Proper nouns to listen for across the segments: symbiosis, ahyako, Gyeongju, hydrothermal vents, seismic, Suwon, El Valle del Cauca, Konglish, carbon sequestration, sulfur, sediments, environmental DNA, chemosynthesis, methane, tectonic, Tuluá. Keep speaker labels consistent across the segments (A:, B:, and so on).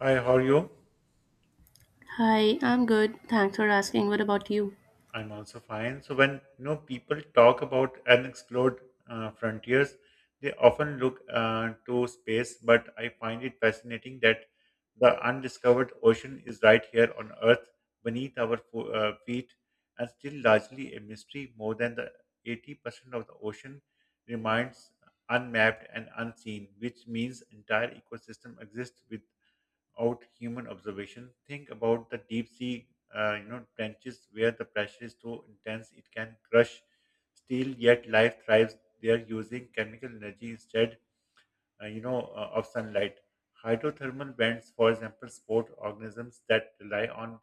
A: Hi, how are you?
B: Hi, I'm good. Thanks for asking. What about you?
A: I'm also fine. So when people talk about unexplored frontiers, they often look to space, but I find it fascinating that the undiscovered ocean is right here on Earth, beneath our feet, and still largely a mystery. More than the 80% of the ocean remains unmapped and unseen, which means entire ecosystem exists with out human observation. Think about the deep sea, trenches where the pressure is so intense it can crush steel. Yet life thrives there using chemical energy instead of sunlight. Hydrothermal vents, for example, support organisms that rely on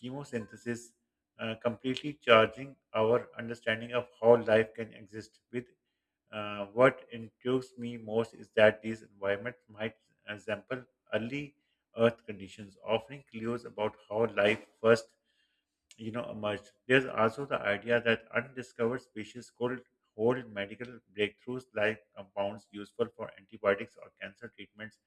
A: chemosynthesis, completely charging our understanding of how life can exist. With what intrigues me most is that these environments might resemble early Earth conditions, offering clues about how life first emerged. There's also the idea that undiscovered species could hold medical breakthroughs like compounds useful for antibiotics or cancer treatments.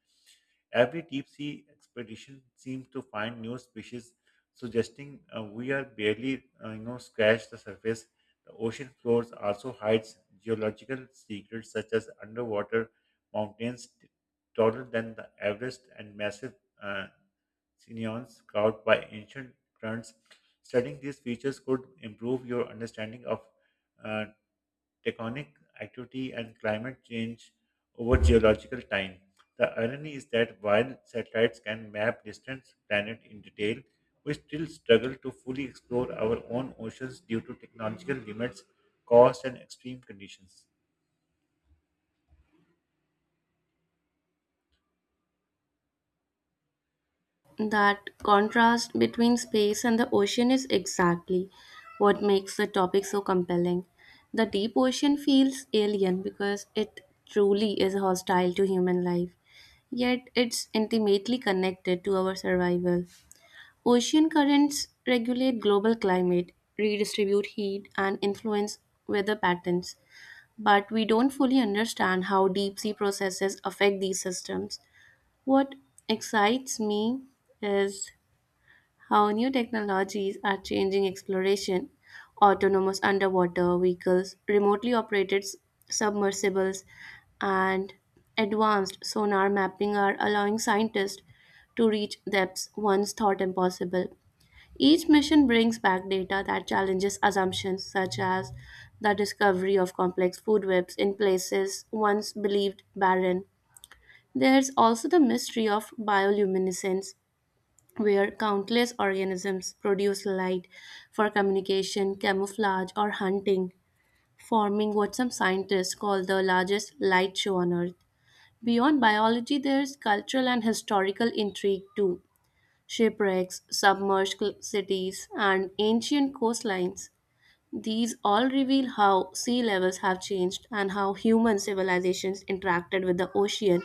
A: Every deep sea expedition seems to find new species, suggesting we are barely scratched the surface. The ocean floors also hides geological secrets such as underwater mountains taller than the Everest and massive uh, Sinions carved by ancient currents. Studying these features could improve your understanding of uh, tectonic activity and climate change over geological time. The irony is that while satellites can map distant planets in detail, we still struggle to fully explore our own oceans due to technological limits, cost, and extreme conditions.
B: That contrast between space and the ocean is exactly what makes the topic so compelling. The deep ocean feels alien because it truly is hostile to human life, yet it's intimately connected to our survival. Ocean currents regulate global climate, redistribute heat, and influence weather patterns. But we don't fully understand how deep sea processes affect these systems. What excites me is how new technologies are changing exploration. Autonomous underwater vehicles, remotely operated submersibles, and advanced sonar mapping are allowing scientists to reach depths once thought impossible. Each mission brings back data that challenges assumptions, such as the discovery of complex food webs in places once believed barren. There's also the mystery of bioluminescence, where countless organisms produce light for communication, camouflage, or hunting, forming what some scientists call the largest light show on Earth. Beyond biology, there's cultural and historical intrigue too. Shipwrecks, submerged cities, and ancient coastlines. These all reveal how sea levels have changed and how human civilizations interacted with the ocean.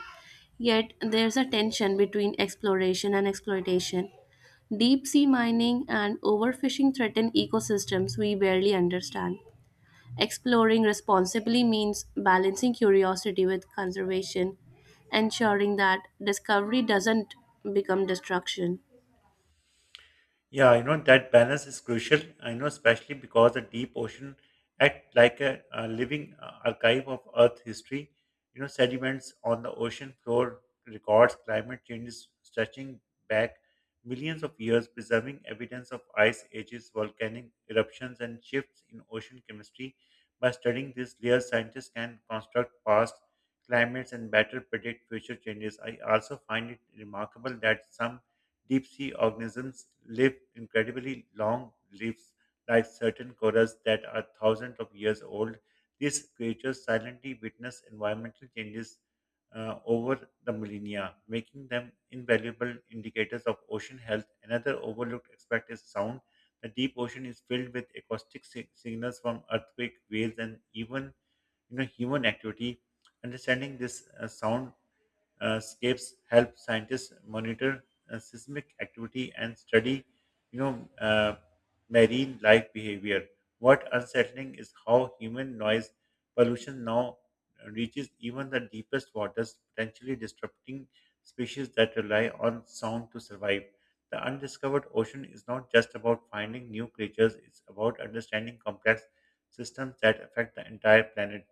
B: Yet there's a tension between exploration and exploitation. Deep sea mining and overfishing threaten ecosystems we barely understand. Exploring responsibly means balancing curiosity with conservation, ensuring that discovery doesn't become destruction.
A: Yeah, that balance is crucial. I know, especially because the deep ocean act like a living archive of Earth history. Sediments on the ocean floor records climate changes stretching back millions of years, preserving evidence of ice ages, volcanic eruptions, and shifts in ocean chemistry. By studying these layers, scientists can construct past climates and better predict future changes. I also find it remarkable that some deep sea organisms live incredibly long lives, like certain corals that are thousands of years old. These creatures silently witness environmental changes over the millennia, making them invaluable indicators of ocean health. Another overlooked aspect is sound. The deep ocean is filled with acoustic signals from earthquake, waves, and even human activity. Understanding this sound scapes help scientists monitor seismic activity and study, you know, uh, marine life behavior. What unsettling is how human noise pollution now reaches even the deepest waters, potentially disrupting species that rely on sound to survive. The undiscovered ocean is not just about finding new creatures, it's about understanding complex systems that affect the entire planet.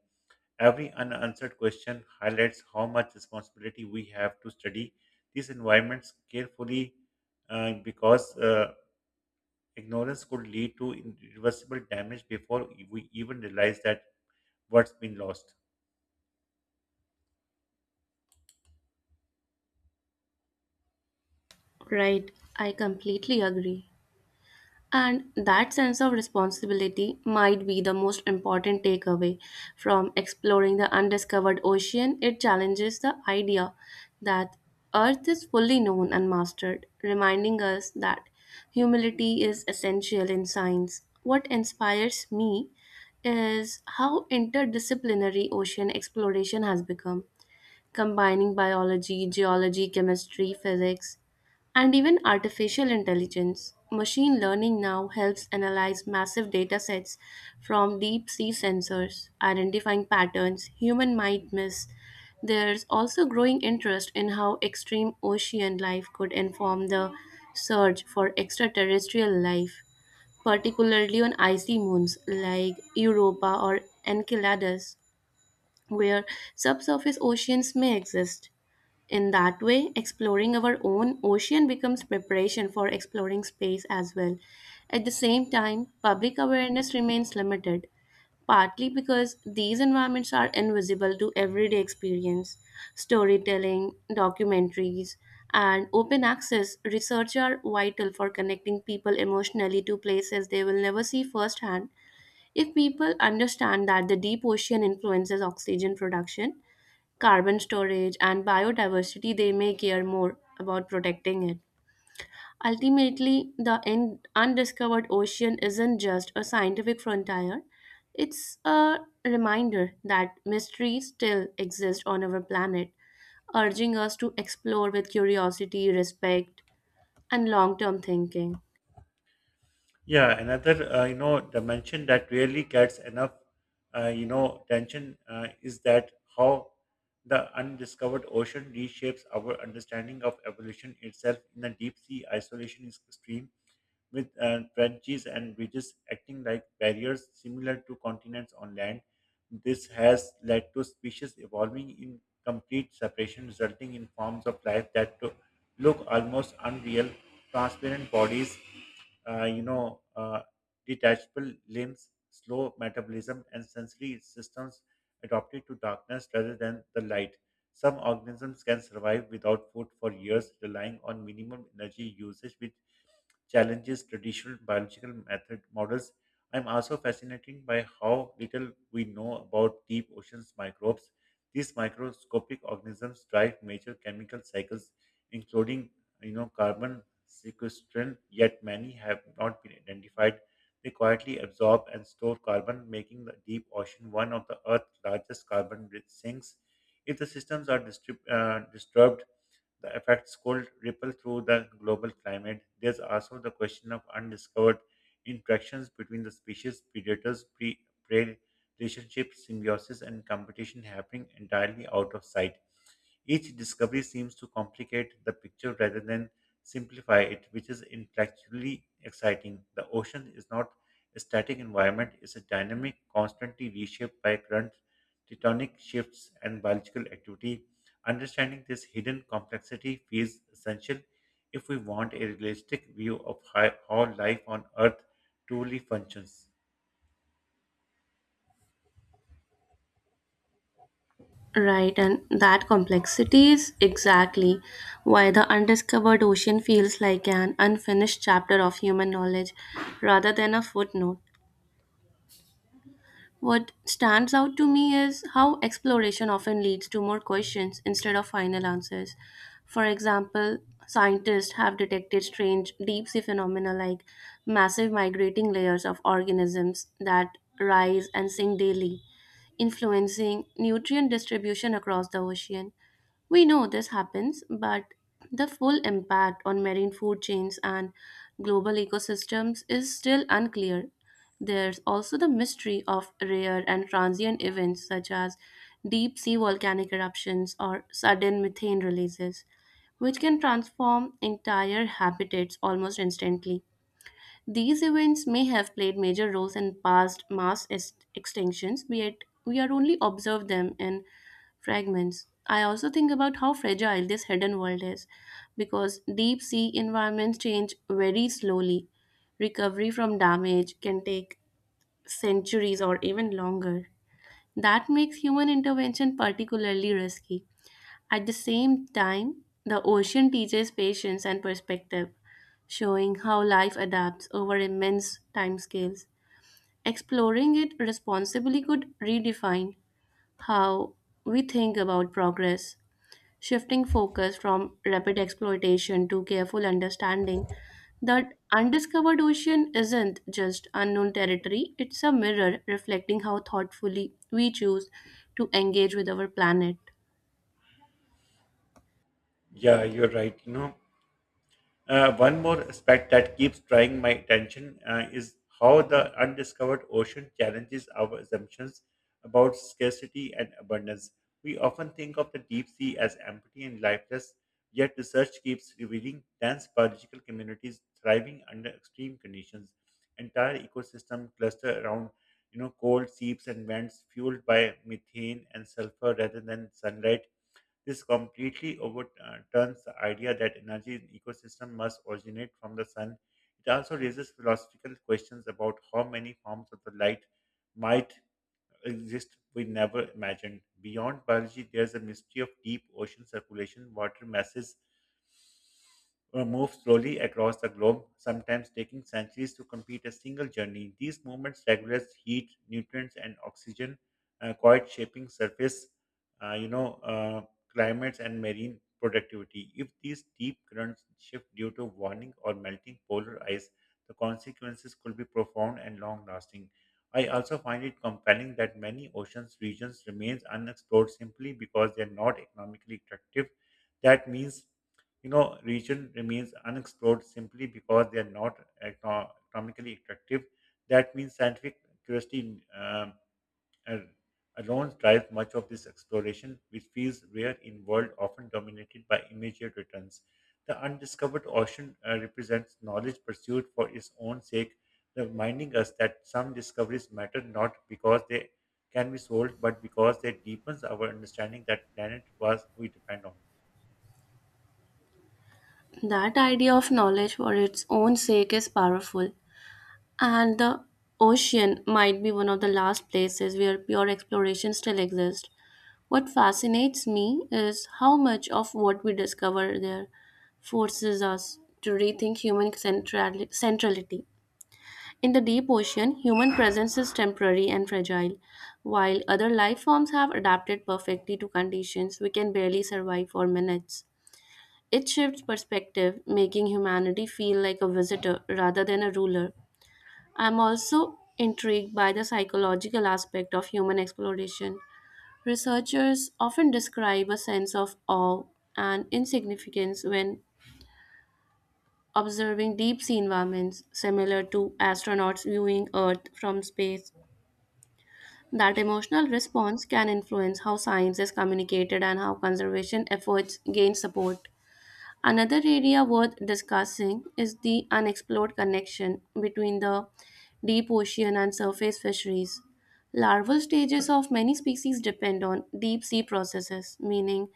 A: Every unanswered question highlights how much responsibility we have to study these environments carefully because ignorance could lead to irreversible damage before we even realize that what's been lost.
B: Right, I completely agree. And that sense of responsibility might be the most important takeaway from exploring the undiscovered ocean. It challenges the idea that Earth is fully known and mastered, reminding us that humility is essential in science. What inspires me is how interdisciplinary ocean exploration has become, combining biology, geology, chemistry, physics, and even artificial intelligence. Machine learning now helps analyze massive data sets from deep sea sensors, identifying patterns human might miss. There's also growing interest in how extreme ocean life could inform the search for extraterrestrial life, particularly on icy moons like Europa or Enceladus, where subsurface oceans may exist. In that way, exploring our own ocean becomes preparation for exploring space as well. At the same time, public awareness remains limited, partly because these environments are invisible to everyday experience. Storytelling, documentaries, and open access research are vital for connecting people emotionally to places they will never see firsthand. If people understand that the deep ocean influences oxygen production, carbon storage, and biodiversity, they may care more about protecting it. Ultimately, the undiscovered ocean isn't just a scientific frontier, it's a reminder that mystery still exists on our planet, urging us to explore with curiosity, respect, and long term thinking.
A: Yeah, another dimension that really gets enough tension is that how the undiscovered ocean reshapes our understanding of evolution itself. In the deep sea, isolation is extreme, with trenches and ridges acting like barriers similar to continents on land. This has led to species evolving in complete separation, resulting in forms of life that look almost unreal, transparent bodies uh, you know, uh, detachable limbs, slow metabolism, and sensory systems adapted to darkness rather than the light. Some organisms can survive without food for years, relying on minimum energy usage, which challenges traditional biological method models. I'm also fascinated by how little we know about deep oceans microbes. These microscopic organisms drive major chemical cycles, including carbon sequestration, yet many have not been identified. They quietly absorb and store carbon, making the deep ocean one of the Earth's largest carbon rich sinks. If the systems are disturbed, the effects could ripple through the global climate. There's also the question of undiscovered interactions between the species, predators, prey relationships, symbiosis, and competition happening entirely out of sight. Each discovery seems to complicate the picture rather than simplify it, which is intellectually exciting. The ocean is not a static environment, it's a dynamic, constantly reshaped by current tectonic shifts and biological activity. Understanding this hidden complexity feels essential if we want a realistic view of how life on Earth truly functions.
B: Right, and that complexity is exactly why the undiscovered ocean feels like an unfinished chapter of human knowledge rather than a footnote. What stands out to me is how exploration often leads to more questions instead of final answers. For example, scientists have detected strange deep sea phenomena like massive migrating layers of organisms that rise and sink daily, influencing nutrient distribution across the ocean. We know this happens, but the full impact on marine food chains and global ecosystems is still unclear. There's also the mystery of rare and transient events such as deep sea volcanic eruptions or sudden methane releases, which can transform entire habitats almost instantly. These events may have played major roles in past mass extinctions, yet we are only observed them in fragments. I also think about how fragile this hidden world is because deep sea environments change very slowly. Recovery from damage can take centuries or even longer. That makes human intervention particularly risky. At the same time, the ocean teaches patience and perspective, showing how life adapts over immense timescales. Exploring it responsibly could redefine how we think about progress, shifting focus from rapid exploitation to careful understanding. That undiscovered ocean isn't just unknown territory, it's a mirror reflecting how thoughtfully we choose to engage with our planet.
A: Yeah, you're right. One more aspect that keeps drawing my attention is how the undiscovered ocean challenges our assumptions about scarcity and abundance. We often think of the deep sea as empty and lifeless, yet research keeps revealing dense biological communities thriving under extreme conditions. Entire ecosystem cluster around cold seeps and vents fueled by methane and sulfur rather than sunlight. This completely overturns the idea that energy in ecosystem must originate from the sun. It also raises philosophical questions about how many forms of the light might exist we never imagined. Beyond biology, there's a mystery of deep ocean circulation, water masses move slowly across the globe, sometimes taking centuries to complete a single journey. These movements regulate heat, nutrients, and oxygen, quite shaping surface, uh, you know, uh, climates and marine productivity. If these deep currents shift due to warming or melting polar ice, the consequences could be profound and long-lasting. I also find it compelling that many oceans regions remains unexplored simply because they are not economically attractive. That means region remains unexplored simply because they are not economically attractive. That means scientific curiosity al- alone drives much of this exploration, which feels rare in world often dominated by immediate returns. The undiscovered ocean represents knowledge pursued for its own sake, reminding us that some discoveries matter not because they can be sold, but because they deepens our understanding that planet was we depend on.
B: That idea of knowledge for its own sake is powerful, and the ocean might be one of the last places where pure exploration still exists. What fascinates me is how much of what we discover there forces us to rethink human centrality. In the deep ocean, human presence is temporary and fragile, while other life forms have adapted perfectly to conditions we can barely survive for minutes. It shifts perspective, making humanity feel like a visitor rather than a ruler. I'm also intrigued by the psychological aspect of human exploration. Researchers often describe a sense of awe and insignificance when observing deep sea environments, similar to astronauts viewing Earth from space. That emotional response can influence how science is communicated and how conservation efforts gain support. Another area worth discussing is the unexplored connection between the deep ocean and surface fisheries. Larval stages of many species depend on deep sea processes, meaning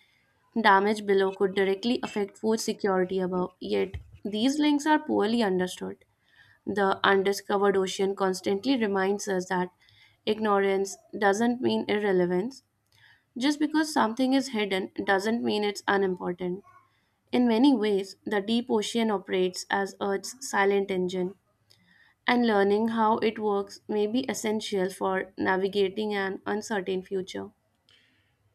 B: damage below could directly affect food security above, yet these links are poorly understood. The undiscovered ocean constantly reminds us that ignorance doesn't mean irrelevance. Just because something is hidden doesn't mean it's unimportant. In many ways, the deep ocean operates as Earth's silent engine, and learning how it works may be essential for navigating an uncertain future.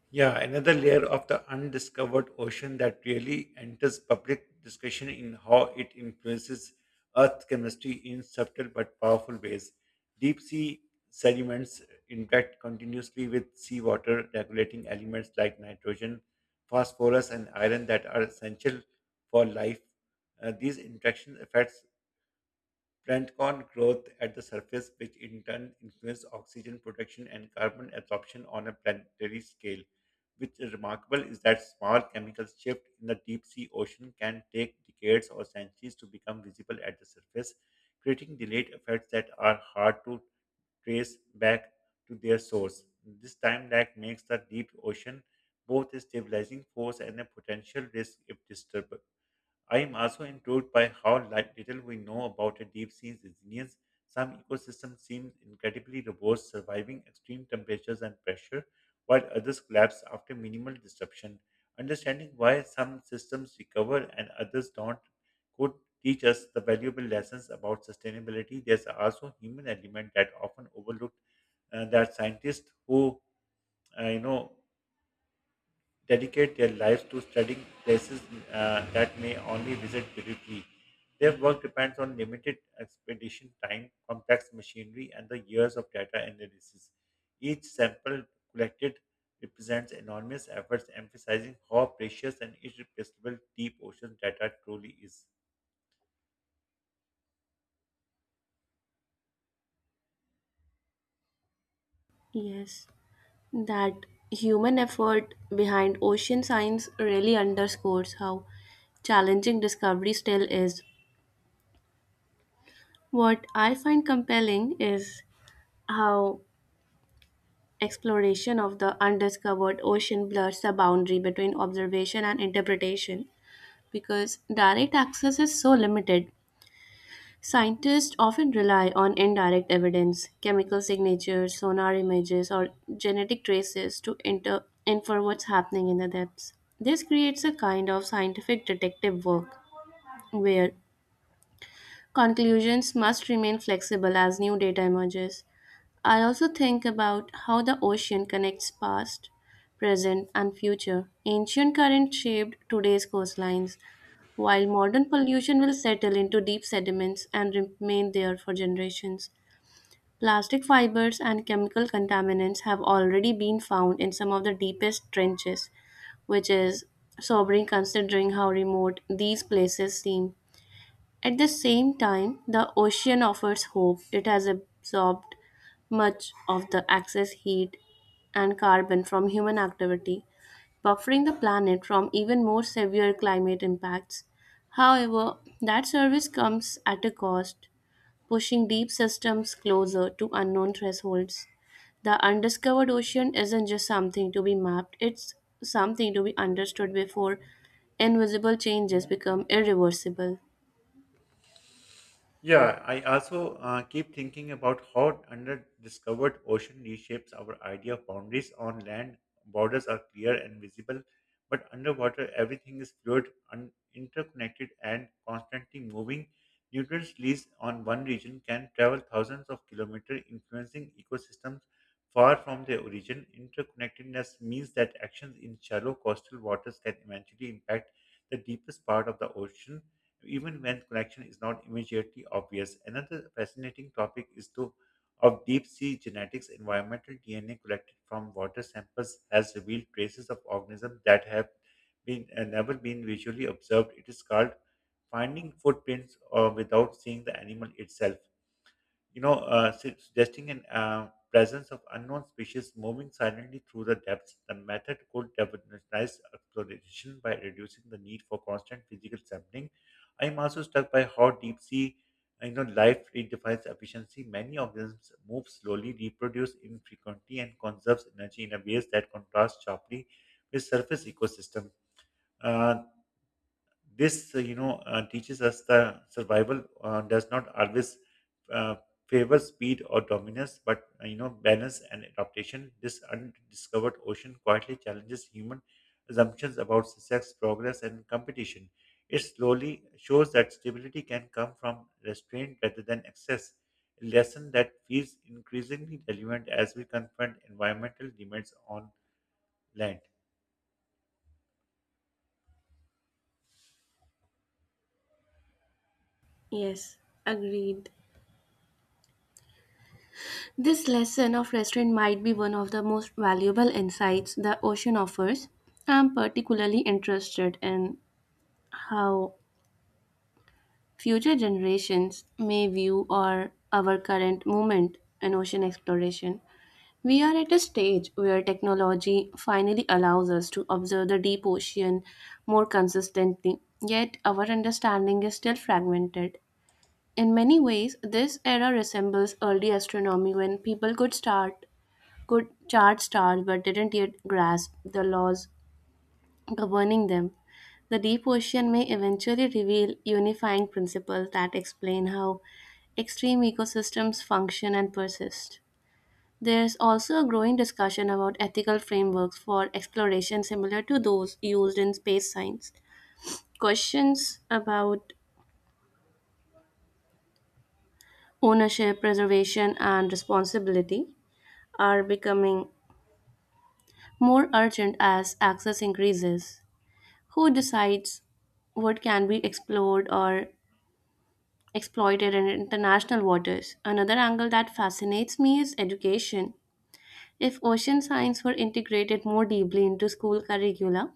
A: Yeah, another layer of the undiscovered ocean that really enters public discussion in how it influences Earth chemistry in subtle but powerful ways. Deep sea sediments interact continuously with seawater, regulating elements like nitrogen, phosphorus, and iron that are essential for life. These interaction affects plankton growth at the surface, which in turn influences oxygen production and carbon absorption on a planetary scale. Which is remarkable is that small chemical shift in the deep sea ocean can take decades or centuries to become visible at the surface, creating delayed effects that are hard to trace back to their source. This time lag makes the deep ocean both a stabilizing force and a potential risk if disturbed. I am also intrigued by how little we know about a deep sea resilience. Some ecosystems seem incredibly robust, surviving extreme temperatures and pressure, while others collapse after minimal disruption. Understanding why some systems recover and others don't could teach us the valuable lessons about sustainability. There's also human element that often overlooked that scientists who uh, you know dedicate their lives to studying places that may only visit briefly. Their work depends on limited expedition time, complex machinery, and the years of data analysis. Each sample collected represents enormous efforts, emphasizing how precious and irreplaceable deep ocean data truly is.
B: Yes. That human effort behind ocean science really underscores how challenging discovery still is. What I find compelling is how exploration of the undiscovered ocean blurs the boundary between observation and interpretation because direct access is so limited. Scientists often rely on indirect evidence, chemical signatures, sonar images, or genetic traces to infer what's happening in the depths. This creates a kind of scientific detective work where conclusions must remain flexible as new data emerges. I also think about how the ocean connects past, present, and future. Ancient currents shaped today's coastlines, while modern pollution will settle into deep sediments and remain there for generations. Plastic fibers and chemical contaminants have already been found in some of the deepest trenches, which is sobering considering how remote these places seem. At the same time, the ocean offers hope. It has absorbed much of the excess heat and carbon from human activity, buffering the planet from even more severe climate impacts. However, that service comes at a cost, pushing deep systems closer to unknown thresholds. The undiscovered ocean isn't just something to be mapped, it's something to be understood before invisible changes become irreversible.
A: Yeah, I also keep thinking about how under-discovered ocean reshapes our idea of boundaries. On land, borders are clear and visible, but underwater, everything is fluid, interconnected, and constantly moving. Nutrient released on one region can travel thousands of kilometers, influencing ecosystems far from their origin. Interconnectedness means that actions in shallow coastal waters can eventually impact the deepest part of the ocean even when connection is not immediately obvious. Another fascinating topic is to of deep sea genetics, environmental DNA collected from water samples has revealed traces of organisms that have been never been visually observed. It is called finding footprints or without seeing the animal itself, suggesting an presence of unknown species moving silently through the depths. The method could revolutionize exploration by reducing the need for constant physical sampling. I am also struck by how deep sea, life redefines efficiency. Many organisms move slowly, reproduce infrequently, and conserves energy in a ways that contrast sharply with surface ecosystems. Uh, this teaches us the survival does not always uh, favor speed or dominance but balance and adaptation. This undiscovered ocean quietly challenges human assumptions about success, progress, and competition. It slowly shows that stability can come from restraint rather than excess, a lesson that feels increasingly relevant as we confront environmental demands on land.
B: Yes, agreed. This lesson of restraint might be one of the most valuable insights the ocean offers. I'm particularly interested in how future generations may view our current moment in ocean exploration. We are at a stage where technology finally allows us to observe the deep ocean more consistently, yet our understanding is still fragmented. In many ways, this era resembles early astronomy when people could chart stars but didn't yet grasp the laws governing them. The deep ocean may eventually reveal unifying principles that explain how extreme ecosystems function and persist. There's also a growing discussion about ethical frameworks for exploration similar to those used in space science. Questions about ownership, preservation, and responsibility are becoming more urgent as access increases. Who decides what can be explored or exploited in international waters? Another angle that fascinates me is education. If ocean science were integrated more deeply into school curricula,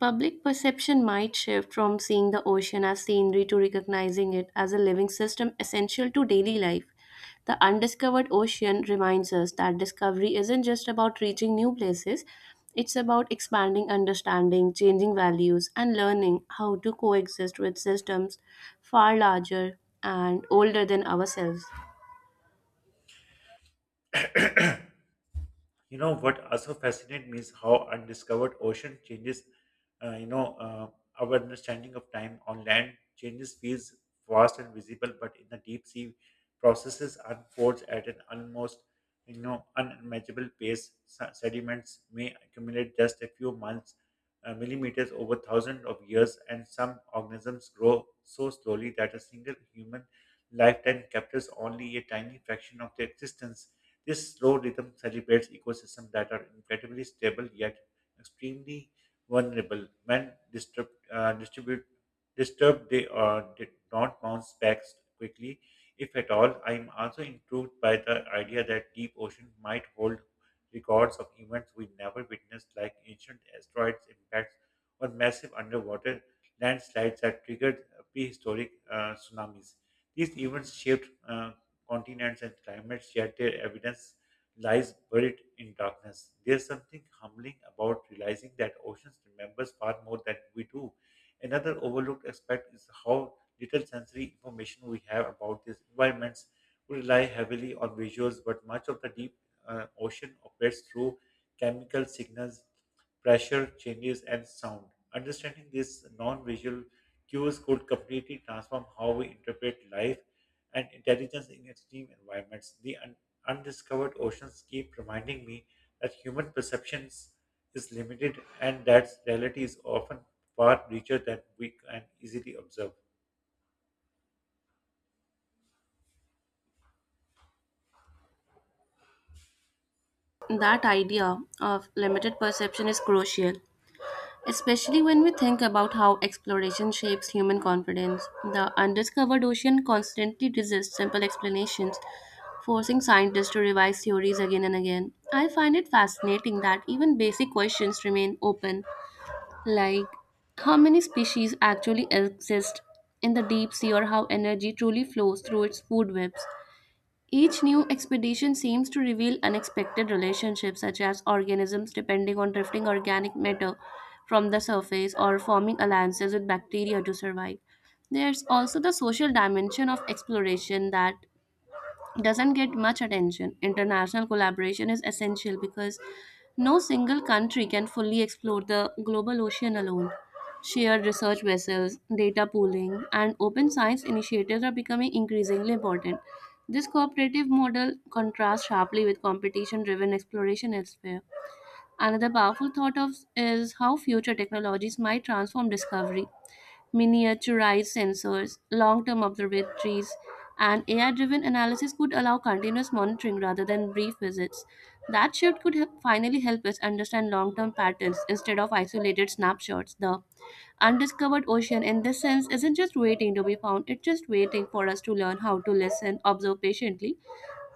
B: public perception might shift from seeing the ocean as scenery to recognizing it as a living system essential to daily life. The undiscovered ocean reminds us that discovery isn't just about reaching new places, it's about expanding understanding, changing values, and learning how to coexist with systems far larger and older than ourselves.
A: You know what also fascinates me is how undiscovered ocean changes. Uh, you know uh, our understanding of time on land changes feels vast and visible, but in the deep sea, processes unfolds at an almost unimaginable pace. Sediments may accumulate just a few months, millimeters over thousands of years, and some organisms grow so slowly that a single human lifetime captures only a tiny fraction of their existence. This slow rhythm celebrates ecosystems that are incredibly stable yet extremely vulnerable. When disturbed, disturbed, they are did not bounce back quickly, if at all. I am also intrigued by the idea that deep ocean might hold records of events we never witnessed, like ancient asteroids impacts or massive underwater landslides that triggered prehistoric tsunamis. These events shaped continents and climates, yet their evidence lies buried in darkness. There's something humbling about realizing that oceans remembers far more than we do. Another overlooked aspect is how little sensory information we have about these environments. We rely heavily on visuals, but much of the deep ocean operates through chemical signals, pressure changes, and sound. Understanding these non visual cues could completely transform how we interpret life and intelligence in extreme environments. The undiscovered oceans keep reminding me that human perceptions is limited and that reality is often far richer than we can easily observe.
B: That idea of limited perception is crucial, especially when we think about how exploration shapes human confidence. The undiscovered ocean constantly resists simple explanations, forcing scientists to revise theories again and again. I find it fascinating that even basic questions remain open, like how many species actually exist in the deep sea or how energy truly flows through its food webs. Each new expedition seems to reveal unexpected relationships, such as organisms depending on drifting organic matter from the surface or forming alliances with bacteria to survive. There's also the social dimension of exploration that doesn't get much attention. International collaboration is essential because no single country can fully explore the global ocean alone. Shared research vessels, data pooling, and open science initiatives are becoming increasingly important. This cooperative model contrasts sharply with competition driven exploration elsewhere. Another powerful thought of is how future technologies might transform discovery: miniaturized sensors, long term observatories, and AI driven analysis could allow continuous monitoring rather than brief visits. That shift could help finally help us understand long term patterns instead of isolated snapshots. The undiscovered ocean, in this sense, isn't just waiting to be found, it's just waiting for us to learn how to listen, observe patiently,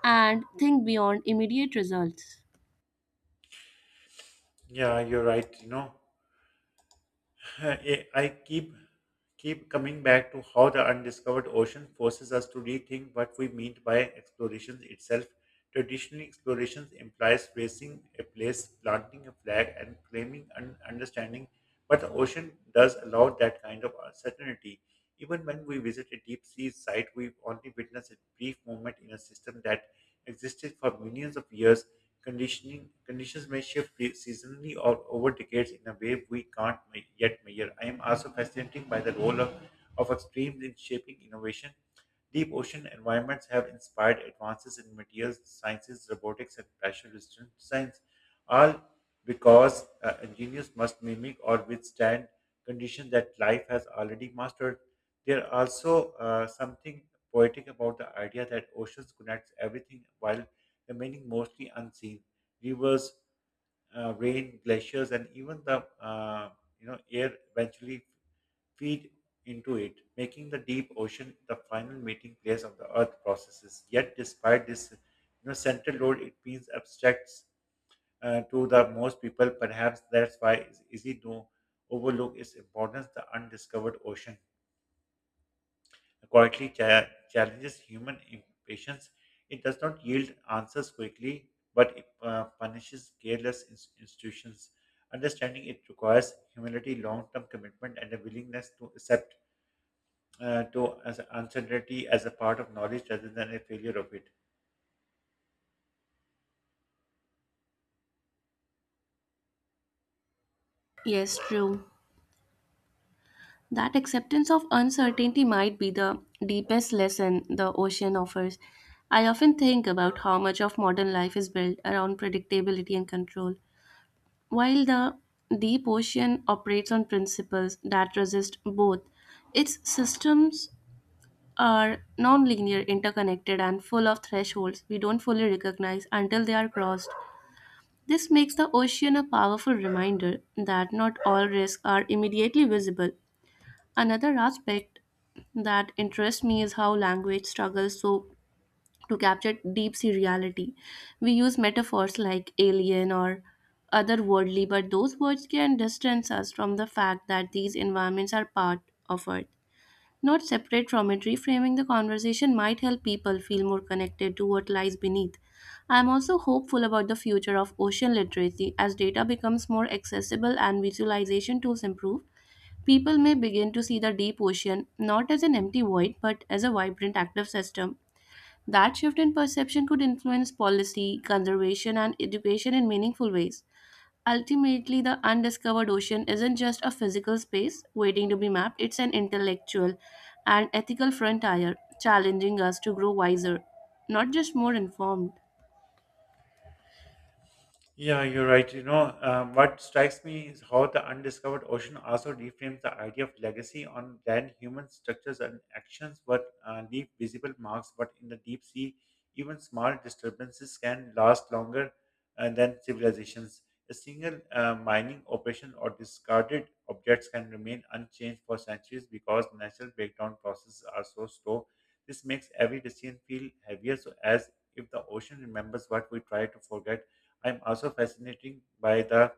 B: and think beyond immediate results.
A: Yeah, you're right. You know, I keep coming back to how the undiscovered ocean forces us to rethink what we mean by exploration itself. Traditionally, exploration implies facing a place, planting a flag, and claiming an understanding. But the ocean does allow that kind of uncertainty. Even when we visit a deep sea site, we only witness a brief moment in a system that existed for millions of years. Conditioning conditions may shift seasonally or over decades in a way we can't yet measure. I am also fascinated by the role of extremes in shaping innovation. Deep ocean environments have inspired advances in materials sciences, robotics, and pressure resistant science, all because engineers must mimic or withstand conditions that life has already mastered. There also something poetic about the idea that oceans connects everything while remaining mostly unseen. Rivers, rain, glaciers, and even the air eventually feed into it, making the deep ocean the final meeting place of the Earth processes. Yet, despite this central role, it means abstracts to the most people. Perhaps that's why it's easy to overlook its importance, the undiscovered ocean quietly challenges human impatience. It does not yield answers quickly, but it punishes careless institutions. Understanding it requires humility, long term commitment, and a willingness to accept to as uncertainty as a part of knowledge rather than a failure of it.
B: Yes, true. That acceptance of uncertainty might be the deepest lesson the ocean offers. I often think about how much of modern life is built around predictability and control, while the deep ocean operates on principles that resist both. Its systems are nonlinear, interconnected, and full of thresholds we don't fully recognize until they are crossed. This makes the ocean a powerful reminder that not all risks are immediately visible. Another aspect that interests me is how language struggles so to capture deep sea reality. We use metaphors like alien or otherworldly, but those words can distance us from the fact that these environments are part of Earth, not separate from it. Reframing the conversation might help people feel more connected to what lies beneath. I am also hopeful about the future of ocean literacy as data becomes more accessible and visualization tools improve. People may begin to see the deep ocean not as an empty void but as a vibrant active system. That shift in perception could influence policy, conservation, and education in meaningful ways. Ultimately, the undiscovered ocean isn't just a physical space waiting to be mapped, it's an intellectual and ethical frontier challenging us to grow wiser, not just more informed.
A: Yeah, you're right. You know, what strikes me is how the undiscovered ocean also reframes the idea of legacy on land. Human structures and actions what leave visible marks, but in the deep sea, even small disturbances can last longer than civilizations. A single mining operation or discarded objects can remain unchanged for centuries because natural breakdown processes are so slow. This makes every decision feel heavier, so as if the ocean remembers what we try to forget. I'm also fascinated by the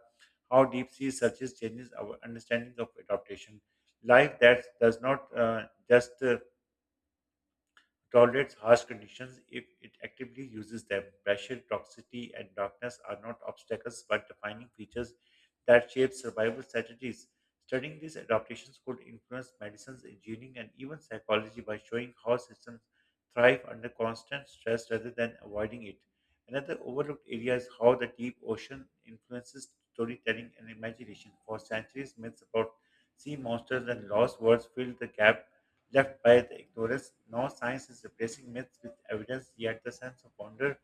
A: how deep sea searches changes our understanding of adaptation. Life that does not just tolerates harsh conditions if it actively uses them. Pressure, toxicity, and darkness are not obstacles but defining features that shape survival strategies. Studying these adaptations could influence medicines, engineering, and even psychology by showing how systems thrive under constant stress rather than avoiding it. Another overlooked area is how the deep ocean influences storytelling and imagination. For centuries, myths about sea monsters and lost worlds filled the gap left by the ignorance. Now science is replacing myths with evidence, yet the sense of wonder,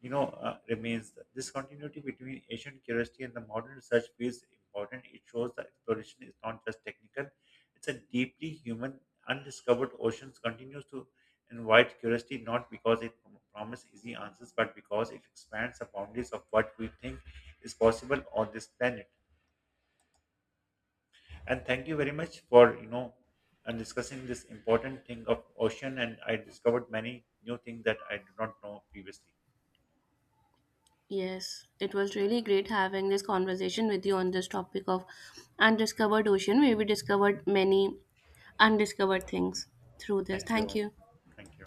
A: remains. This continuity between ancient curiosity and the modern research feels important. It shows that exploration is not just technical; it's a deeply human, undiscovered oceans continues to invite curiosity not because it promises easy answers, but because it expands the boundaries of what we think is possible on this planet. And thank you very much for and discussing this important thing of ocean, and I discovered many new things that I did not know previously.
B: Yes, it was really great having this conversation with you on this topic of undiscovered ocean, where we discovered many undiscovered things through this.
A: Thank
B: Thank
A: you.
B: you.
A: Thank you.